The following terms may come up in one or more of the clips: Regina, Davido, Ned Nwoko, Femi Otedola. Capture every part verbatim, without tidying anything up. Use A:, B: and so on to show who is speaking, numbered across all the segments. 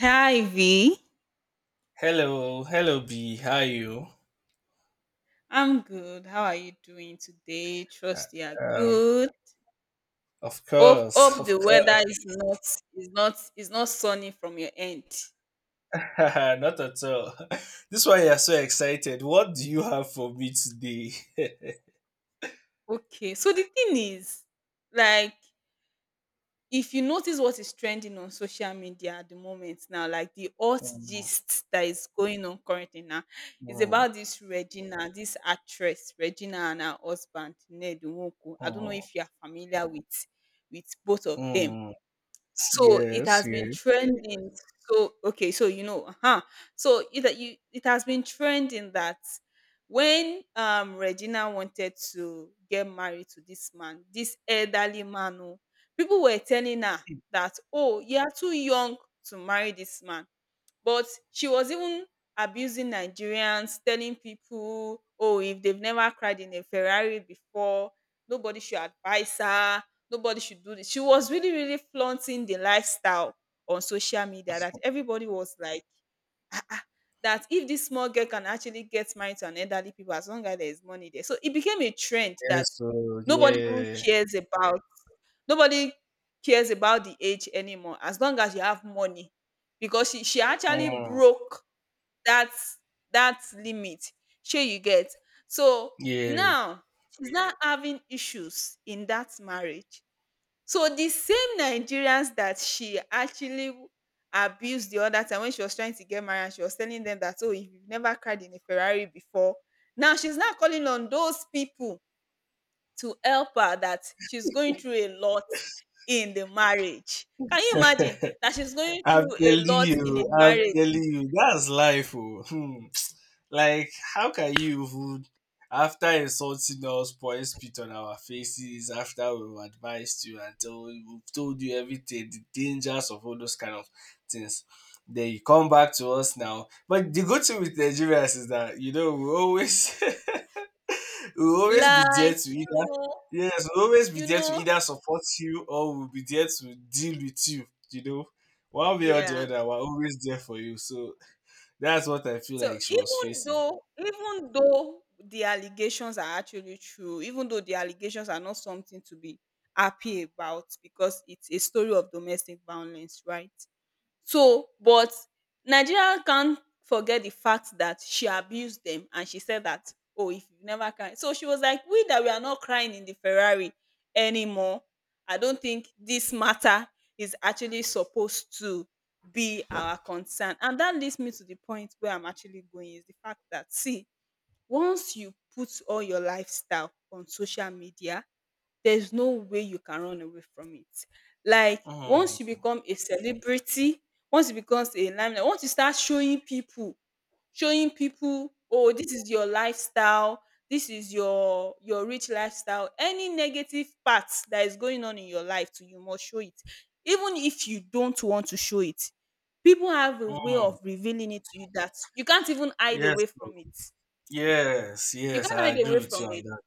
A: Hi V.
B: Hello, hello B, how are you?
A: I'm good. How are you doing today? Trust you are
B: Uh,
A: good.
B: of
A: Hope
B: course,
A: hope
B: of
A: the weather
B: course.
A: is not is not is not sunny from your end.
B: Not at all. This why you're so excited. What do you have for me today?
A: Okay. So the thing is, like if you notice what is trending on social media at the moment now, like the hot
B: Mm,
A: gist that is going on currently now, is
B: mm,
A: about this Regina, this actress, Regina and her husband, Ned Nwoko. I don't know
B: mm,
A: if you are familiar with with both of them.
B: mm.
A: So it
B: Yes,
A: has been
B: yes,
A: trending. So okay, so you know, huh? So it that you it has been trending that when um Regina wanted to get married to this man, this elderly man, oh, people were telling her that, oh, you are too young to marry this man. But she was even abusing Nigerians, telling people, oh, if they've never cried in a Ferrari before, nobody should advise her, nobody should do this. She was really, really flaunting the lifestyle on social media that everybody was like, "Ah, ah, that if this small girl can actually get married to an elderly people as long as there is money there." So it became a trend
B: yes,
A: that
B: so
A: nobody even
B: yeah.
A: cares about nobody cares about the age anymore as long as you have money because she she actually
B: Mm,
A: broke that that limit. Shey you get? So
B: yeah.
A: now she's not having issues in that marriage. So the same Nigerians that she actually abused the other time when she was trying to get married and she was telling them that, oh, if you've never cried in a Ferrari before, now she's not calling on those people to help her that she's going through a lot in the marriage. Can you imagine that she's going
B: I'm
A: through a
B: telling
A: lot in a
B: you, I'm
A: marriage?
B: telling you, that's life. Oh. Hmm. Like, how can you even, after insulting us, point spit on our faces, after we've advised you and told, we've told you everything, the dangers of all those kind of things, then you come back to us now. But the good thing with Nigerians is that, you know, we always. we'll always be there
A: Like,
B: to
A: you
B: either
A: know,
B: Yes, we'll always be
A: you
B: there to
A: know,
B: either support you or we'll be there to deal with you. You know, one way or the
A: yeah.
B: other, we're always there for you. So that's what I feel
A: So
B: like she was
A: even
B: facing.
A: though, even though the allegations are actually true, even though the allegations are not something to be happy about because it's a story of domestic violence, right? So, but Nigeria can't forget the fact that she abused them and she said that, oh, if you never cry. So she was like, we that we are not crying in the Ferrari anymore. I don't think this matter is actually supposed to be our concern. And that leads me to the point where I'm actually going is the fact that, see, once you put all your lifestyle on social media, there's no way you can run away from it. Like
B: Mm,
A: once you become a celebrity, once it becomes a limelight, once you start showing people, showing people, oh, this is your lifestyle, this is your your rich lifestyle. Any negative part that is going on in your life too, you must show it. Even if you don't want to show it, people have a way of
B: mm.
A: revealing it to you that you can't even hide
B: Yes,
A: away
B: bro,
A: from it.
B: yes,
A: You
B: yes.
A: can't
B: I
A: hide
B: agree
A: away
B: with you
A: from
B: on
A: it
B: that.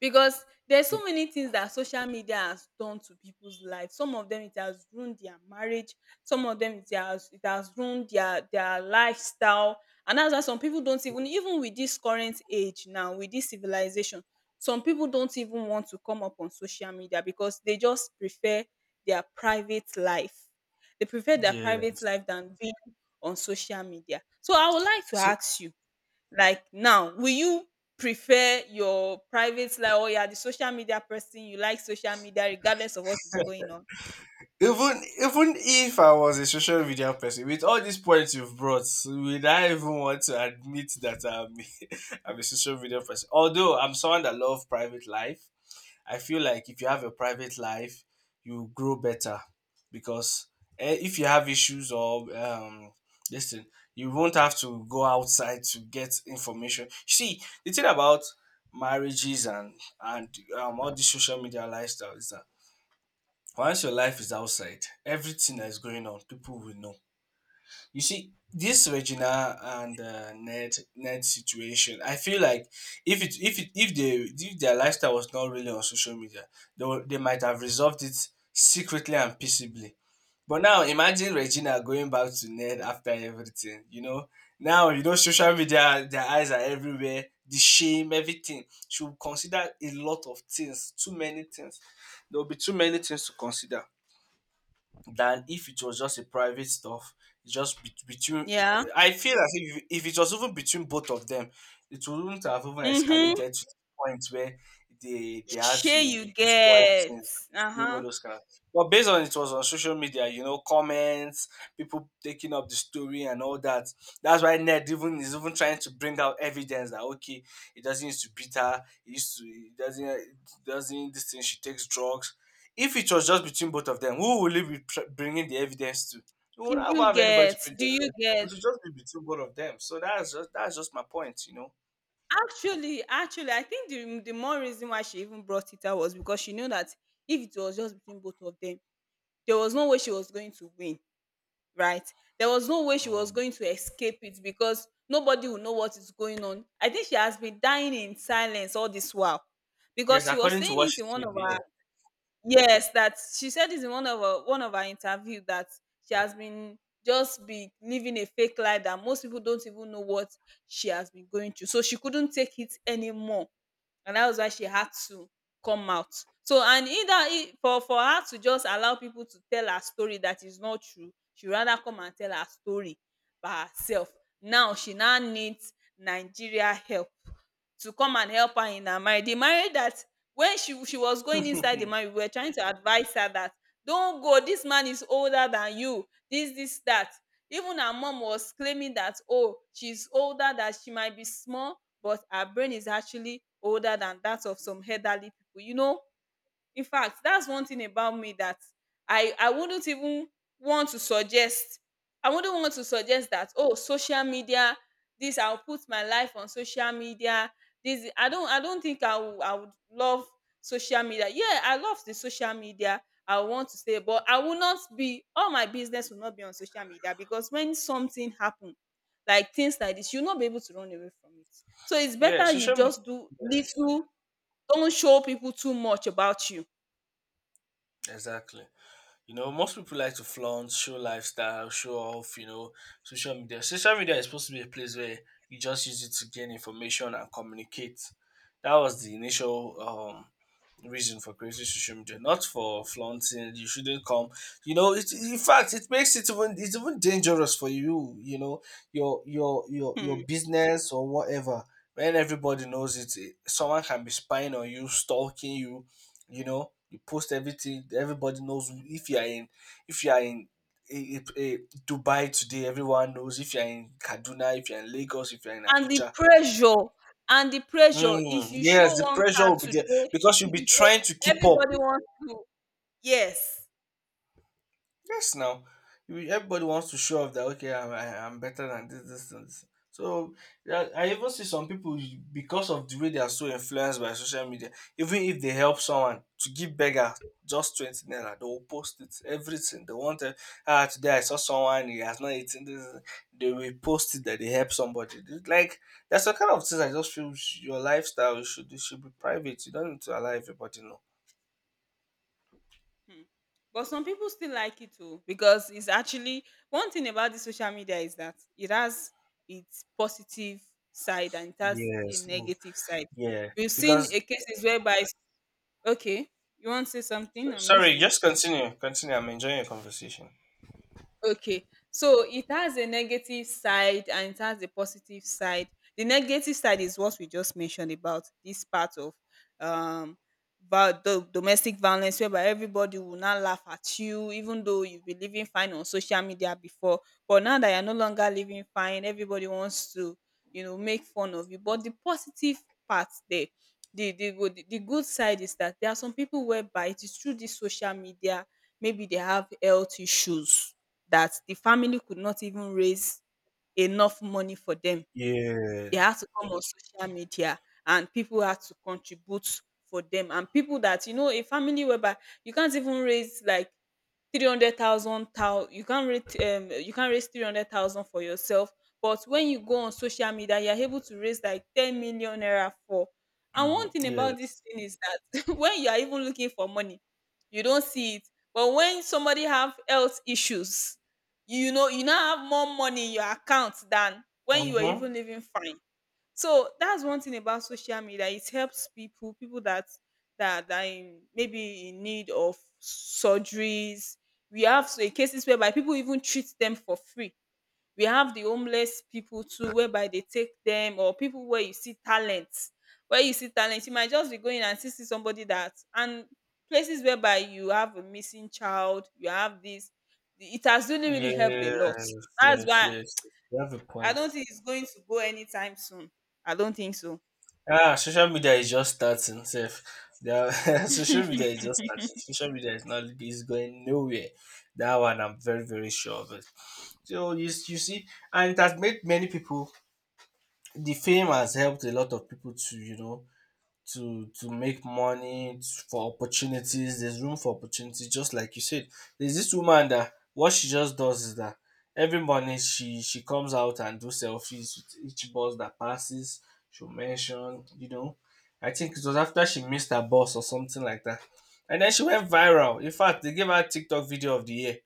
A: because there's so many things that social media has done to people's life. Some of them, it has ruined their marriage, some of them, it has it has ruined their their lifestyle. And that's why some people don't even, even with this current age now, with this civilization, some people don't even want to come up on social media because they just prefer their private life. They prefer their
B: Yeah.
A: private life than being on social media. So I would like to
B: So
A: ask you, like now, will you prefer your private life or you are the social media person, you like social media regardless of what is going on?
B: Even even if I was a social media person, with all these points you've brought, would I even want to admit that I'm I'm a social media person? Although I'm someone that loves private life, I feel like if you have a private life, you grow better because eh, if you have issues or um, listen, you won't have to go outside to get information. See, the thing about marriages and and um, all the social media lifestyle is that once your life is outside, everything that is going on, people will know. You see, this Regina and uh, Ned Ned situation, I feel like if it if it if they if their lifestyle was not really on social media, they were, they might have resolved it secretly and peaceably. But now imagine Regina going back to Ned after everything. You know, now you know social media, their eyes are everywhere. The shame, everything. She will consider a lot of things, too many things. There will be too many things to consider than if it was just a private stuff. It's just bet- between,
A: Yeah.
B: I feel as if if it was even between both of them, it wouldn't have even
A: Mm-hmm.
B: escalated to the point where they they had
A: Sure
B: to be
A: you
B: destroying
A: get.
B: things, you know,
A: Uh-huh.
B: those kind of. But based on it was on social media, you know, comments, people taking up the story and all that, that's why Ned even is even trying to bring out evidence that okay, it doesn't used to beat her it used to it doesn't it doesn't, this thing, she takes drugs. If it was just between both of them, who will you be pr- bringing the evidence to? You
A: Do
B: will not
A: you
B: have anybody
A: get?
B: to bring
A: Do
B: the
A: you
B: evidence.
A: get?
B: It should just be between both of them. So that's just that's just my point, you know.
A: Actually, actually, I think the, the more reason why she even brought it out was because she knew that if it was just between both of them, there was no way she was going to win. Right? There was no way she was
B: Um,
A: going to escape it because nobody would know what is going on. I think she has been dying in silence all this while because
B: yes,
A: she was
B: according to
A: saying
B: what
A: it
B: she
A: in one
B: said,
A: of her,
B: yeah.
A: yes, that she said this in one of her one of her interview that she has been just be living a fake life that most people don't even know what she has been going through. So she couldn't take it anymore and that was why she had to come out. So and either i- for for her to just allow people to tell her story that is not true, she rather come and tell her story by herself. Now she now needs Nigeria help to come and help her in her marriage. The marriage that when she she was going inside the marriage, we were trying to advise her that don't go. This man is older than you. This this that. Even her mom was claiming that, oh, she's older, that she might be small but our brain is actually older than that of some elderly people. You know, in fact, that's one thing about me that I I wouldn't even want to suggest. I wouldn't want to suggest that, oh, social media, this I'll put my life on social media. This I don't I don't think I would I would love social media. Yeah, I love the social media. I want to say, but I will not be, all my business will not be on social media because when something happen, like things like this, you'll not be able to run away from it. So it's
B: Yeah,
A: better you
B: social media.
A: just do
B: Yeah,
A: little, don't show people too much about you.
B: exactly. You know, most people like to flaunt, show lifestyle, show off, you know, social media. Social media is supposed to be a place where you just use it to gain information and communicate. That was the initial um reason for creating social media, not for flaunting. You shouldn't come. You know, it, in fact, it makes it even it's even dangerous for you. You know, your your your your
A: Hmm.
B: business or whatever. When everybody knows it, it- someone can be spying on you, stalking you. You know, you post everything. Everybody knows who- if you are in if you are in. A, a, a Dubai today, everyone knows if you're in Kaduna, if you're in Lagos, if you're in
A: And the
B: Abuja.
A: pressure, and the pressure if
B: Mm,
A: you show
B: yes, the
A: one
B: pressure
A: car
B: will be there
A: today,
B: because you'll
A: if
B: be
A: you show
B: trying to keep up.
A: everybody wants to, yes.
B: Yes, now you- everybody wants to show off that okay, I'm, I- I'm better than this, this, and this. So yeah, I even see some people because of the way they are so influenced by social media. Even if they help someone to give beggar just twenty naira, they will post it. Everything they want to- Ah, today I saw someone he has not eaten this. They will post it that they help somebody. It's like that's the kind of things I just feel sh- your lifestyle should it should be private. You don't need to allow everybody know.
A: Hmm. But some people still like it too because it's actually one thing about the social media is that it has its positive side and it has a
B: Yes. No.
A: negative side.
B: Yeah.
A: We've seen
B: Because
A: a cases whereby, okay, you want to say something? I'm
B: sorry,
A: listening.
B: just continue. Continue. I'm enjoying your conversation.
A: Okay. So it has a negative side and it has a positive side. The negative side is what we just mentioned about this part of um about the domestic violence whereby everybody will now laugh at you even though you've been living fine on social media before, but now that you're no longer living fine, everybody wants to, you know, make fun of you. But the positive part there, the the good, the good side is that there are some people whereby it is through this social media, maybe they have health issues that the family could not even raise enough money for them. They
B: Yes.
A: had to come on social media and people had to contribute for them. And people that, you know, a family whereby you can't even raise like three hundred thousand thou you can't raise um you can't raise three hundred thousand for yourself, but when you go on social media you're able to raise like ten million naira for, and one
B: Mm,
A: thing about this
B: yes.
A: thing is that when you are even looking for money you don't see it, but when somebody have health issues, you know, you now have more money in your account than when you are
B: Mm-hmm.
A: even living fine. So that's one thing about social media, it helps people, people that that that in, maybe in need of surgeries. We have so cases whereby people even treat them for free. We have the homeless people too whereby they take them, or people where you see talents, where you see talent, you might just be going and see see somebody that, and places whereby you have a missing child, you have this, it has really, really helped a lot.
B: Yes.
A: That's
B: Yes.
A: why
B: Yes. You have a
A: I
B: point.
A: don't think it's going to go anytime soon. I don't think so.
B: Ah, social media is just starting, Seth. There are- social media is just starting. Social media is not is going nowhere. That one I'm very, very sure of it. So you, s- you see, and it has made many people, the fame has helped a lot of people to, you know, to to make money t- for opportunities, there's room for opportunities just like you said. There's this woman that what she just does is that every morning she she comes out and do selfies with each bus that passes. She'll mention, you know, I think it was after she missed her bus or something like that, and then she went viral. In fact, they gave her TikTok video of the year,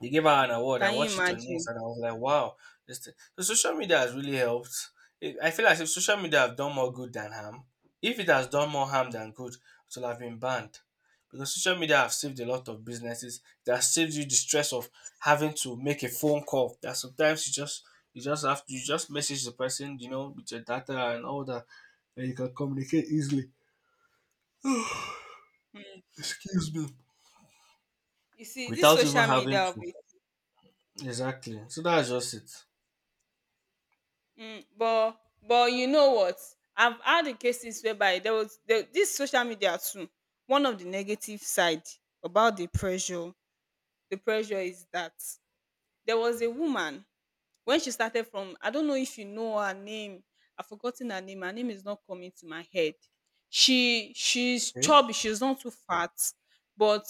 B: they gave her an award. I
A: Can you
B: watched it on news
A: imagine?
B: and I was like, wow, this thing. The social media has really helped. It, I feel like if social media have done more good than harm, if it has done more harm than good, it will have been banned. Because social media have saved a lot of businesses. It has saved you the stress of having to make a phone call. That sometimes you just you just have to you just message the person, you know, with your data and all that, and you can communicate easily.
A: Mm.
B: Excuse me.
A: You see, this
B: Without even
A: social media
B: having
A: of
B: to.
A: it.
B: Exactly. So that's just it.
A: Mm, but but you know what? I've had the cases whereby there was there, this social media too. One of the negative side, about the pressure, the pressure is that there was a woman when she started from, I don't know if you know her name. I've forgotten her name, her name is not coming to my head. She, she's
B: Okay.
A: chubby, she's not too fat, but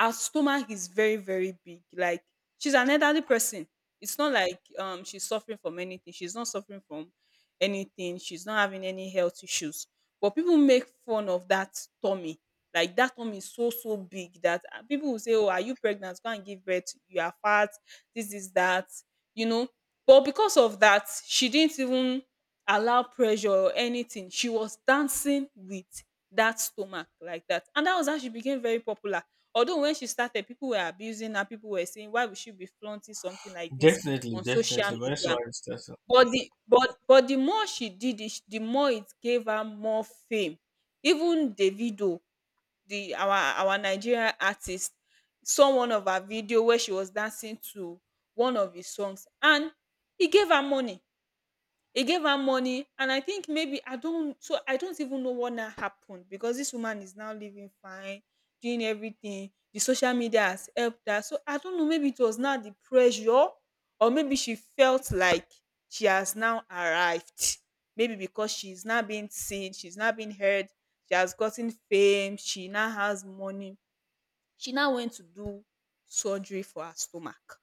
A: her stomach is very, very big. Like, she's an elderly person. It's not like um she's suffering from anything. She's not suffering from anything, she's not having any health issues, but people make fun of that tummy. Like, that tummy is so, so big that, uh, people will say, oh, are you pregnant, go and give birth, you are fat, this is that, you know. But because of that, she didn't even allow pressure or anything. She was dancing with that stomach like that. And that was how she became very popular. Although when she started, people were abusing her, people were saying, why would she be flaunting something like this
B: Definitely,
A: on social
B: definitely. When
A: media?
B: someone is starting.
A: But the, but but the more she did it, the more it gave her more fame. Even Davido, the our our Nigerian artist, saw one of her video where she was dancing to one of his songs, and he gave her money. He gave her money, and I think maybe I don't. So I don't even know what now happened, because this woman is now living fine, doing everything. The social media has helped her. So I don't know. Maybe it was now the pressure, or maybe she felt like she has now arrived. Maybe because she's now being seen, she's now being heard. She has gotten fame. She now has money. She now went to do surgery for her stomach.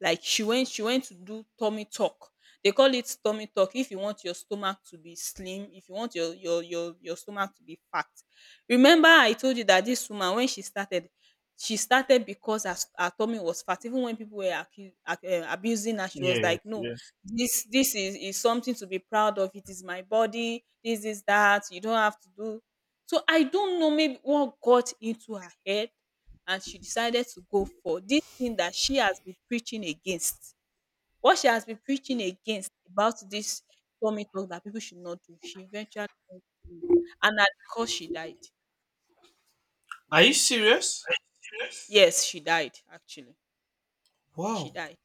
A: Like she went she went to do tummy talk. They call it tummy talk. If you want your stomach to be slim, if you want your your your your stomach to be fat. Remember I told you that this woman, when she started, she started because her, s- her tummy was fat. Even when people were accu- ac- uh, abusing her, she
B: Yeah,
A: was
B: yes,
A: like, "No,
B: yes.
A: this this is, is something to be proud of. It is my body. This is that. You don't have to do." So I don't know maybe what got into her head, and she decided to go for this thing that she has been preaching against. What she has been preaching against, about this tummy tuck that people should not do, she eventually did. And at the cost, she died.
B: Are you serious?
A: Yes, she died, actually. She
B: Wow.
A: died.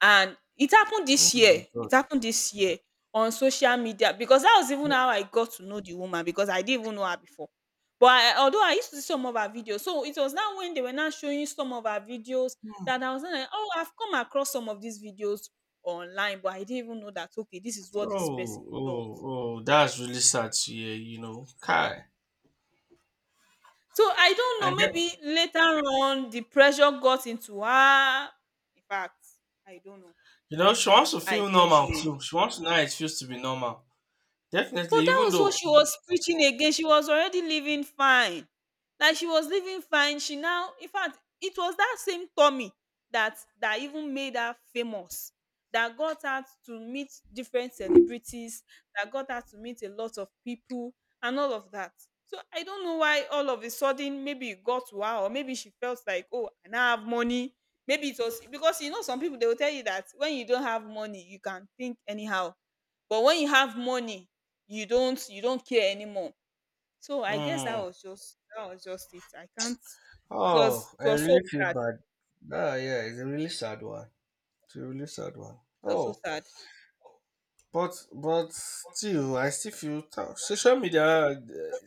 A: And it happened
B: Oh
A: this
B: my
A: year.
B: god.
A: It happened this year on social media, because that was even how I got to know the woman, because I didn't even know her before. But I, although I used to see some of her videos, so it was now when they were now showing some of her videos that I was now like, oh, I've come across some of these videos online, but I didn't even know that okay, this is what this
B: Oh,
A: person
B: oh,
A: does.
B: oh. That's really sad to hear, you know. Kai.
A: So I don't know.
B: And then,
A: Maybe later on the pressure got into her. In fact, I don't know.
B: you know, she wants to
A: I
B: feel
A: don't
B: normal
A: know.
B: too. She wants to know how it feels to be normal. Definitely,
A: But that
B: even
A: was what
B: though.
A: she was preaching again. She was already living fine. Like she was living fine. She now, in fact, it was that same Tommy that that even made her famous. That got her to meet different celebrities, that got her to meet a lot of people and all of that. So I don't know why all of a sudden maybe it got to her, or maybe she felt like, oh, I now have money. Maybe it was because, you know, some people they will tell you that when you don't have money, you can think anyhow. But when you have money, you don't you don't care anymore. So I guess that
B: Mm,
A: was just that was just it i can't It
B: oh,
A: was it
B: I
A: was so
B: really feel
A: sad.
B: bad. Ah, yeah, it's a really sad one. It's a really sad one.
A: It was so
B: Oh.
A: sad.
B: But but still, I still feel ta- social media uh,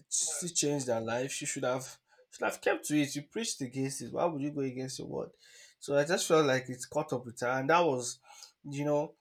B: still changed their life. She should have, should have kept to it. You preached against it. Why would you go against your word? So I just felt like it's caught up with her, and that was, you know,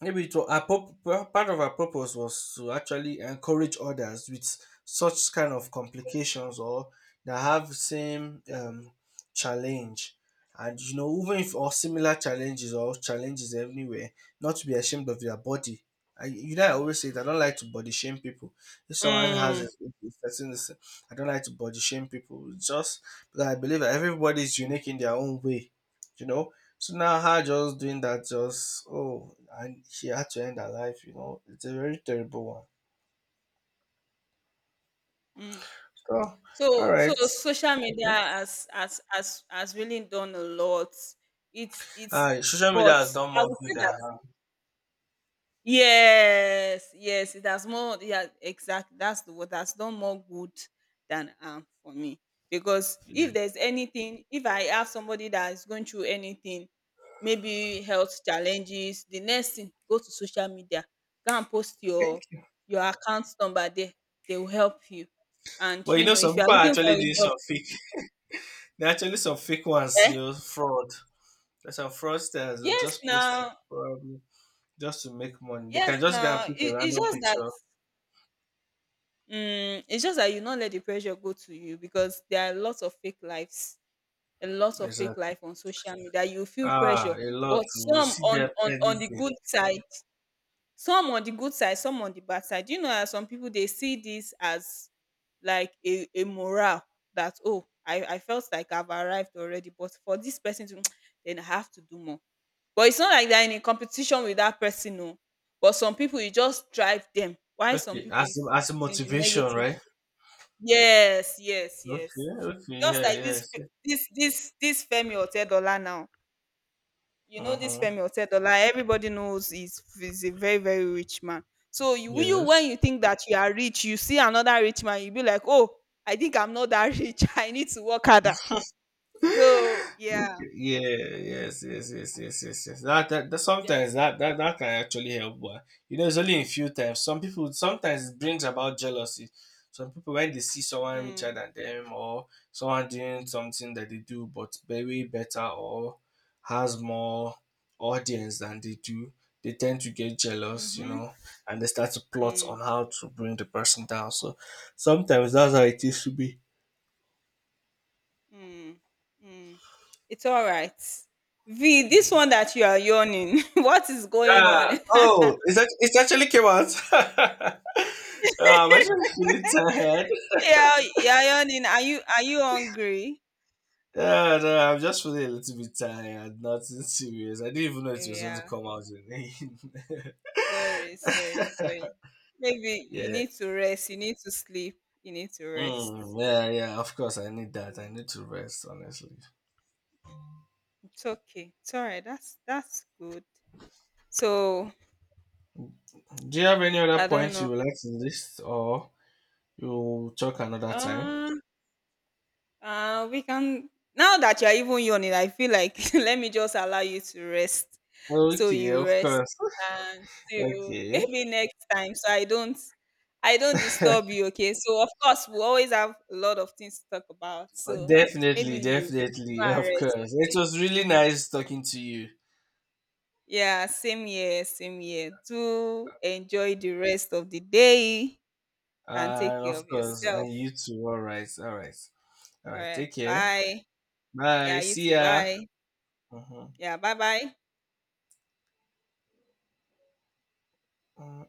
B: maybe to was, our purp- pur- part of our purpose was to actually encourage others with such kind of complications or that have same um, challenge. And you know, even if or similar challenges or challenges everywhere, not to be ashamed of their body. I, you know, I always say that I don't like to body shame people. If someone has
A: mm,
B: a, a certain, this- I don't like to body shame people. It's just because I believe that everybody is unique in their own way. You know, so now her just doing that just oh and she had to end her life, you know. It's a very terrible one.
A: mm.
B: Oh, all
A: So so
B: right.
A: social media has has has has really done a lot. It's it's
B: Uh, social media
A: But
B: has done
A: I
B: more
A: would
B: good
A: say,
B: than harm.
A: yes, yes, it has more, yeah, exactly. That's the word. That's done more good than harm for me. Because
B: You
A: if there's anything, if I have somebody that is going through anything, maybe health challenges, the next thing, go to social media, go and post
B: thank
A: your
B: you.
A: your account number there. They will help you. And
B: But you
A: you
B: know,
A: know,
B: some
A: if you are
B: people are
A: looking for
B: actually
A: a
B: doing
A: job,
B: some fake. They're actually some fake ones, you
A: eh?
B: know, fraud. There's some fraudsters who
A: Yes,
B: just post it
A: now,
B: probably just to make money. They
A: yes,
B: can just go and
A: now.
B: pick a
A: It, it's
B: random
A: just that,
B: picture.
A: mm, it's just that you not let the pressure go to you, because there are lots of fake lives, a lot of fake
B: Exactly.
A: life on social media. You feel
B: Ah,
A: pressure,
B: a
A: but
B: lot. We
A: some
B: see
A: on
B: them
A: on
B: every
A: on the
B: day.
A: good side, some on the good side, some on the bad side. You know, there some people they see this as like a a morale that oh, I I felt like I've arrived already, but for this person to then I have to do more. But it's not like they're in a competition with that person, no. But some people you just drive them. Why some
B: Okay,
A: people
B: as
A: is
B: as a
A: is in the
B: motivation,
A: negative.
B: right?
A: Yes, yes, yes.
B: Okay, okay,
A: Just
B: yeah,
A: like this
B: yes.
A: Fe this this this Femi Otedola now. You
B: Uh
A: know this
B: huh.
A: Femi Otedola, everybody knows he's he's a very, very rich man. So you you
B: Yes.
A: when you think that you are rich, you see another rich man, you be like, "Oh, I think I'm not that rich. I need to work harder." So, yeah.
B: Okay. Yeah, yes, yes, yes, yes, yes, yes. That, that, that
A: So they are
B: sometimes that, that that can actually help, but you know, it's only in few times. Some people sometimes it brings about jealousy. Some people when they see someone richer
A: mm,
B: than them or someone doing something that they do but very better or has more audience than they do, they tend to get jealous, you
A: mhm,
B: know, and they start to plot
A: mm,
B: on how to bring the person down. So sometimes that's how it used to be.
A: mm, mm. It's all right. V, this one that you are yawning, what is going on?
B: Yeah. Oh, it's act- it's actually came out. I'm actually feeling tired.
A: Yeah, you're yawning. Are you are you hungry?
B: Yeah, no, I'm just feeling a little bit tired. Nothing serious. I didn't even know it was going to
A: Yeah.
B: come out. In-
A: Sorry, sorry, sorry. Maybe you
B: yeah.
A: need to rest. You need to sleep. You need to rest.
B: Mm, yeah, yeah. Of course, I need that. I need to rest. Honestly.
A: It's okay. It's all right. That's that's good. So
B: Do you have any
A: I
B: other
A: don't
B: points
A: know.
B: you would like to list, or you talk another time?
A: Um, Uh, we can, now that you're even yawning, I feel like, let me just allow you to rest. So
B: Okay,
A: you
B: of
A: rest
B: course.
A: until
B: Okay.
A: maybe next time. So I don't I don't disturb you, okay? So of course we always have a lot of things to talk about.
B: Oh,
A: So maybe
B: definitely,
A: you you should
B: definitely,
A: go and
B: of
A: rest.
B: course. It was really nice talking to you.
A: Yeah, same year, same year. Do enjoy the rest of the day and take
B: And
A: care
B: of
A: of
B: course,
A: yourself.
B: and you too. All right, all right, all
A: All
B: right.
A: right.
B: Take care.
A: Bye. Yeah,
B: Bye.
A: you
B: See
A: too.
B: ya.
A: Bye.
B: Mhm.
A: Yeah, bye bye.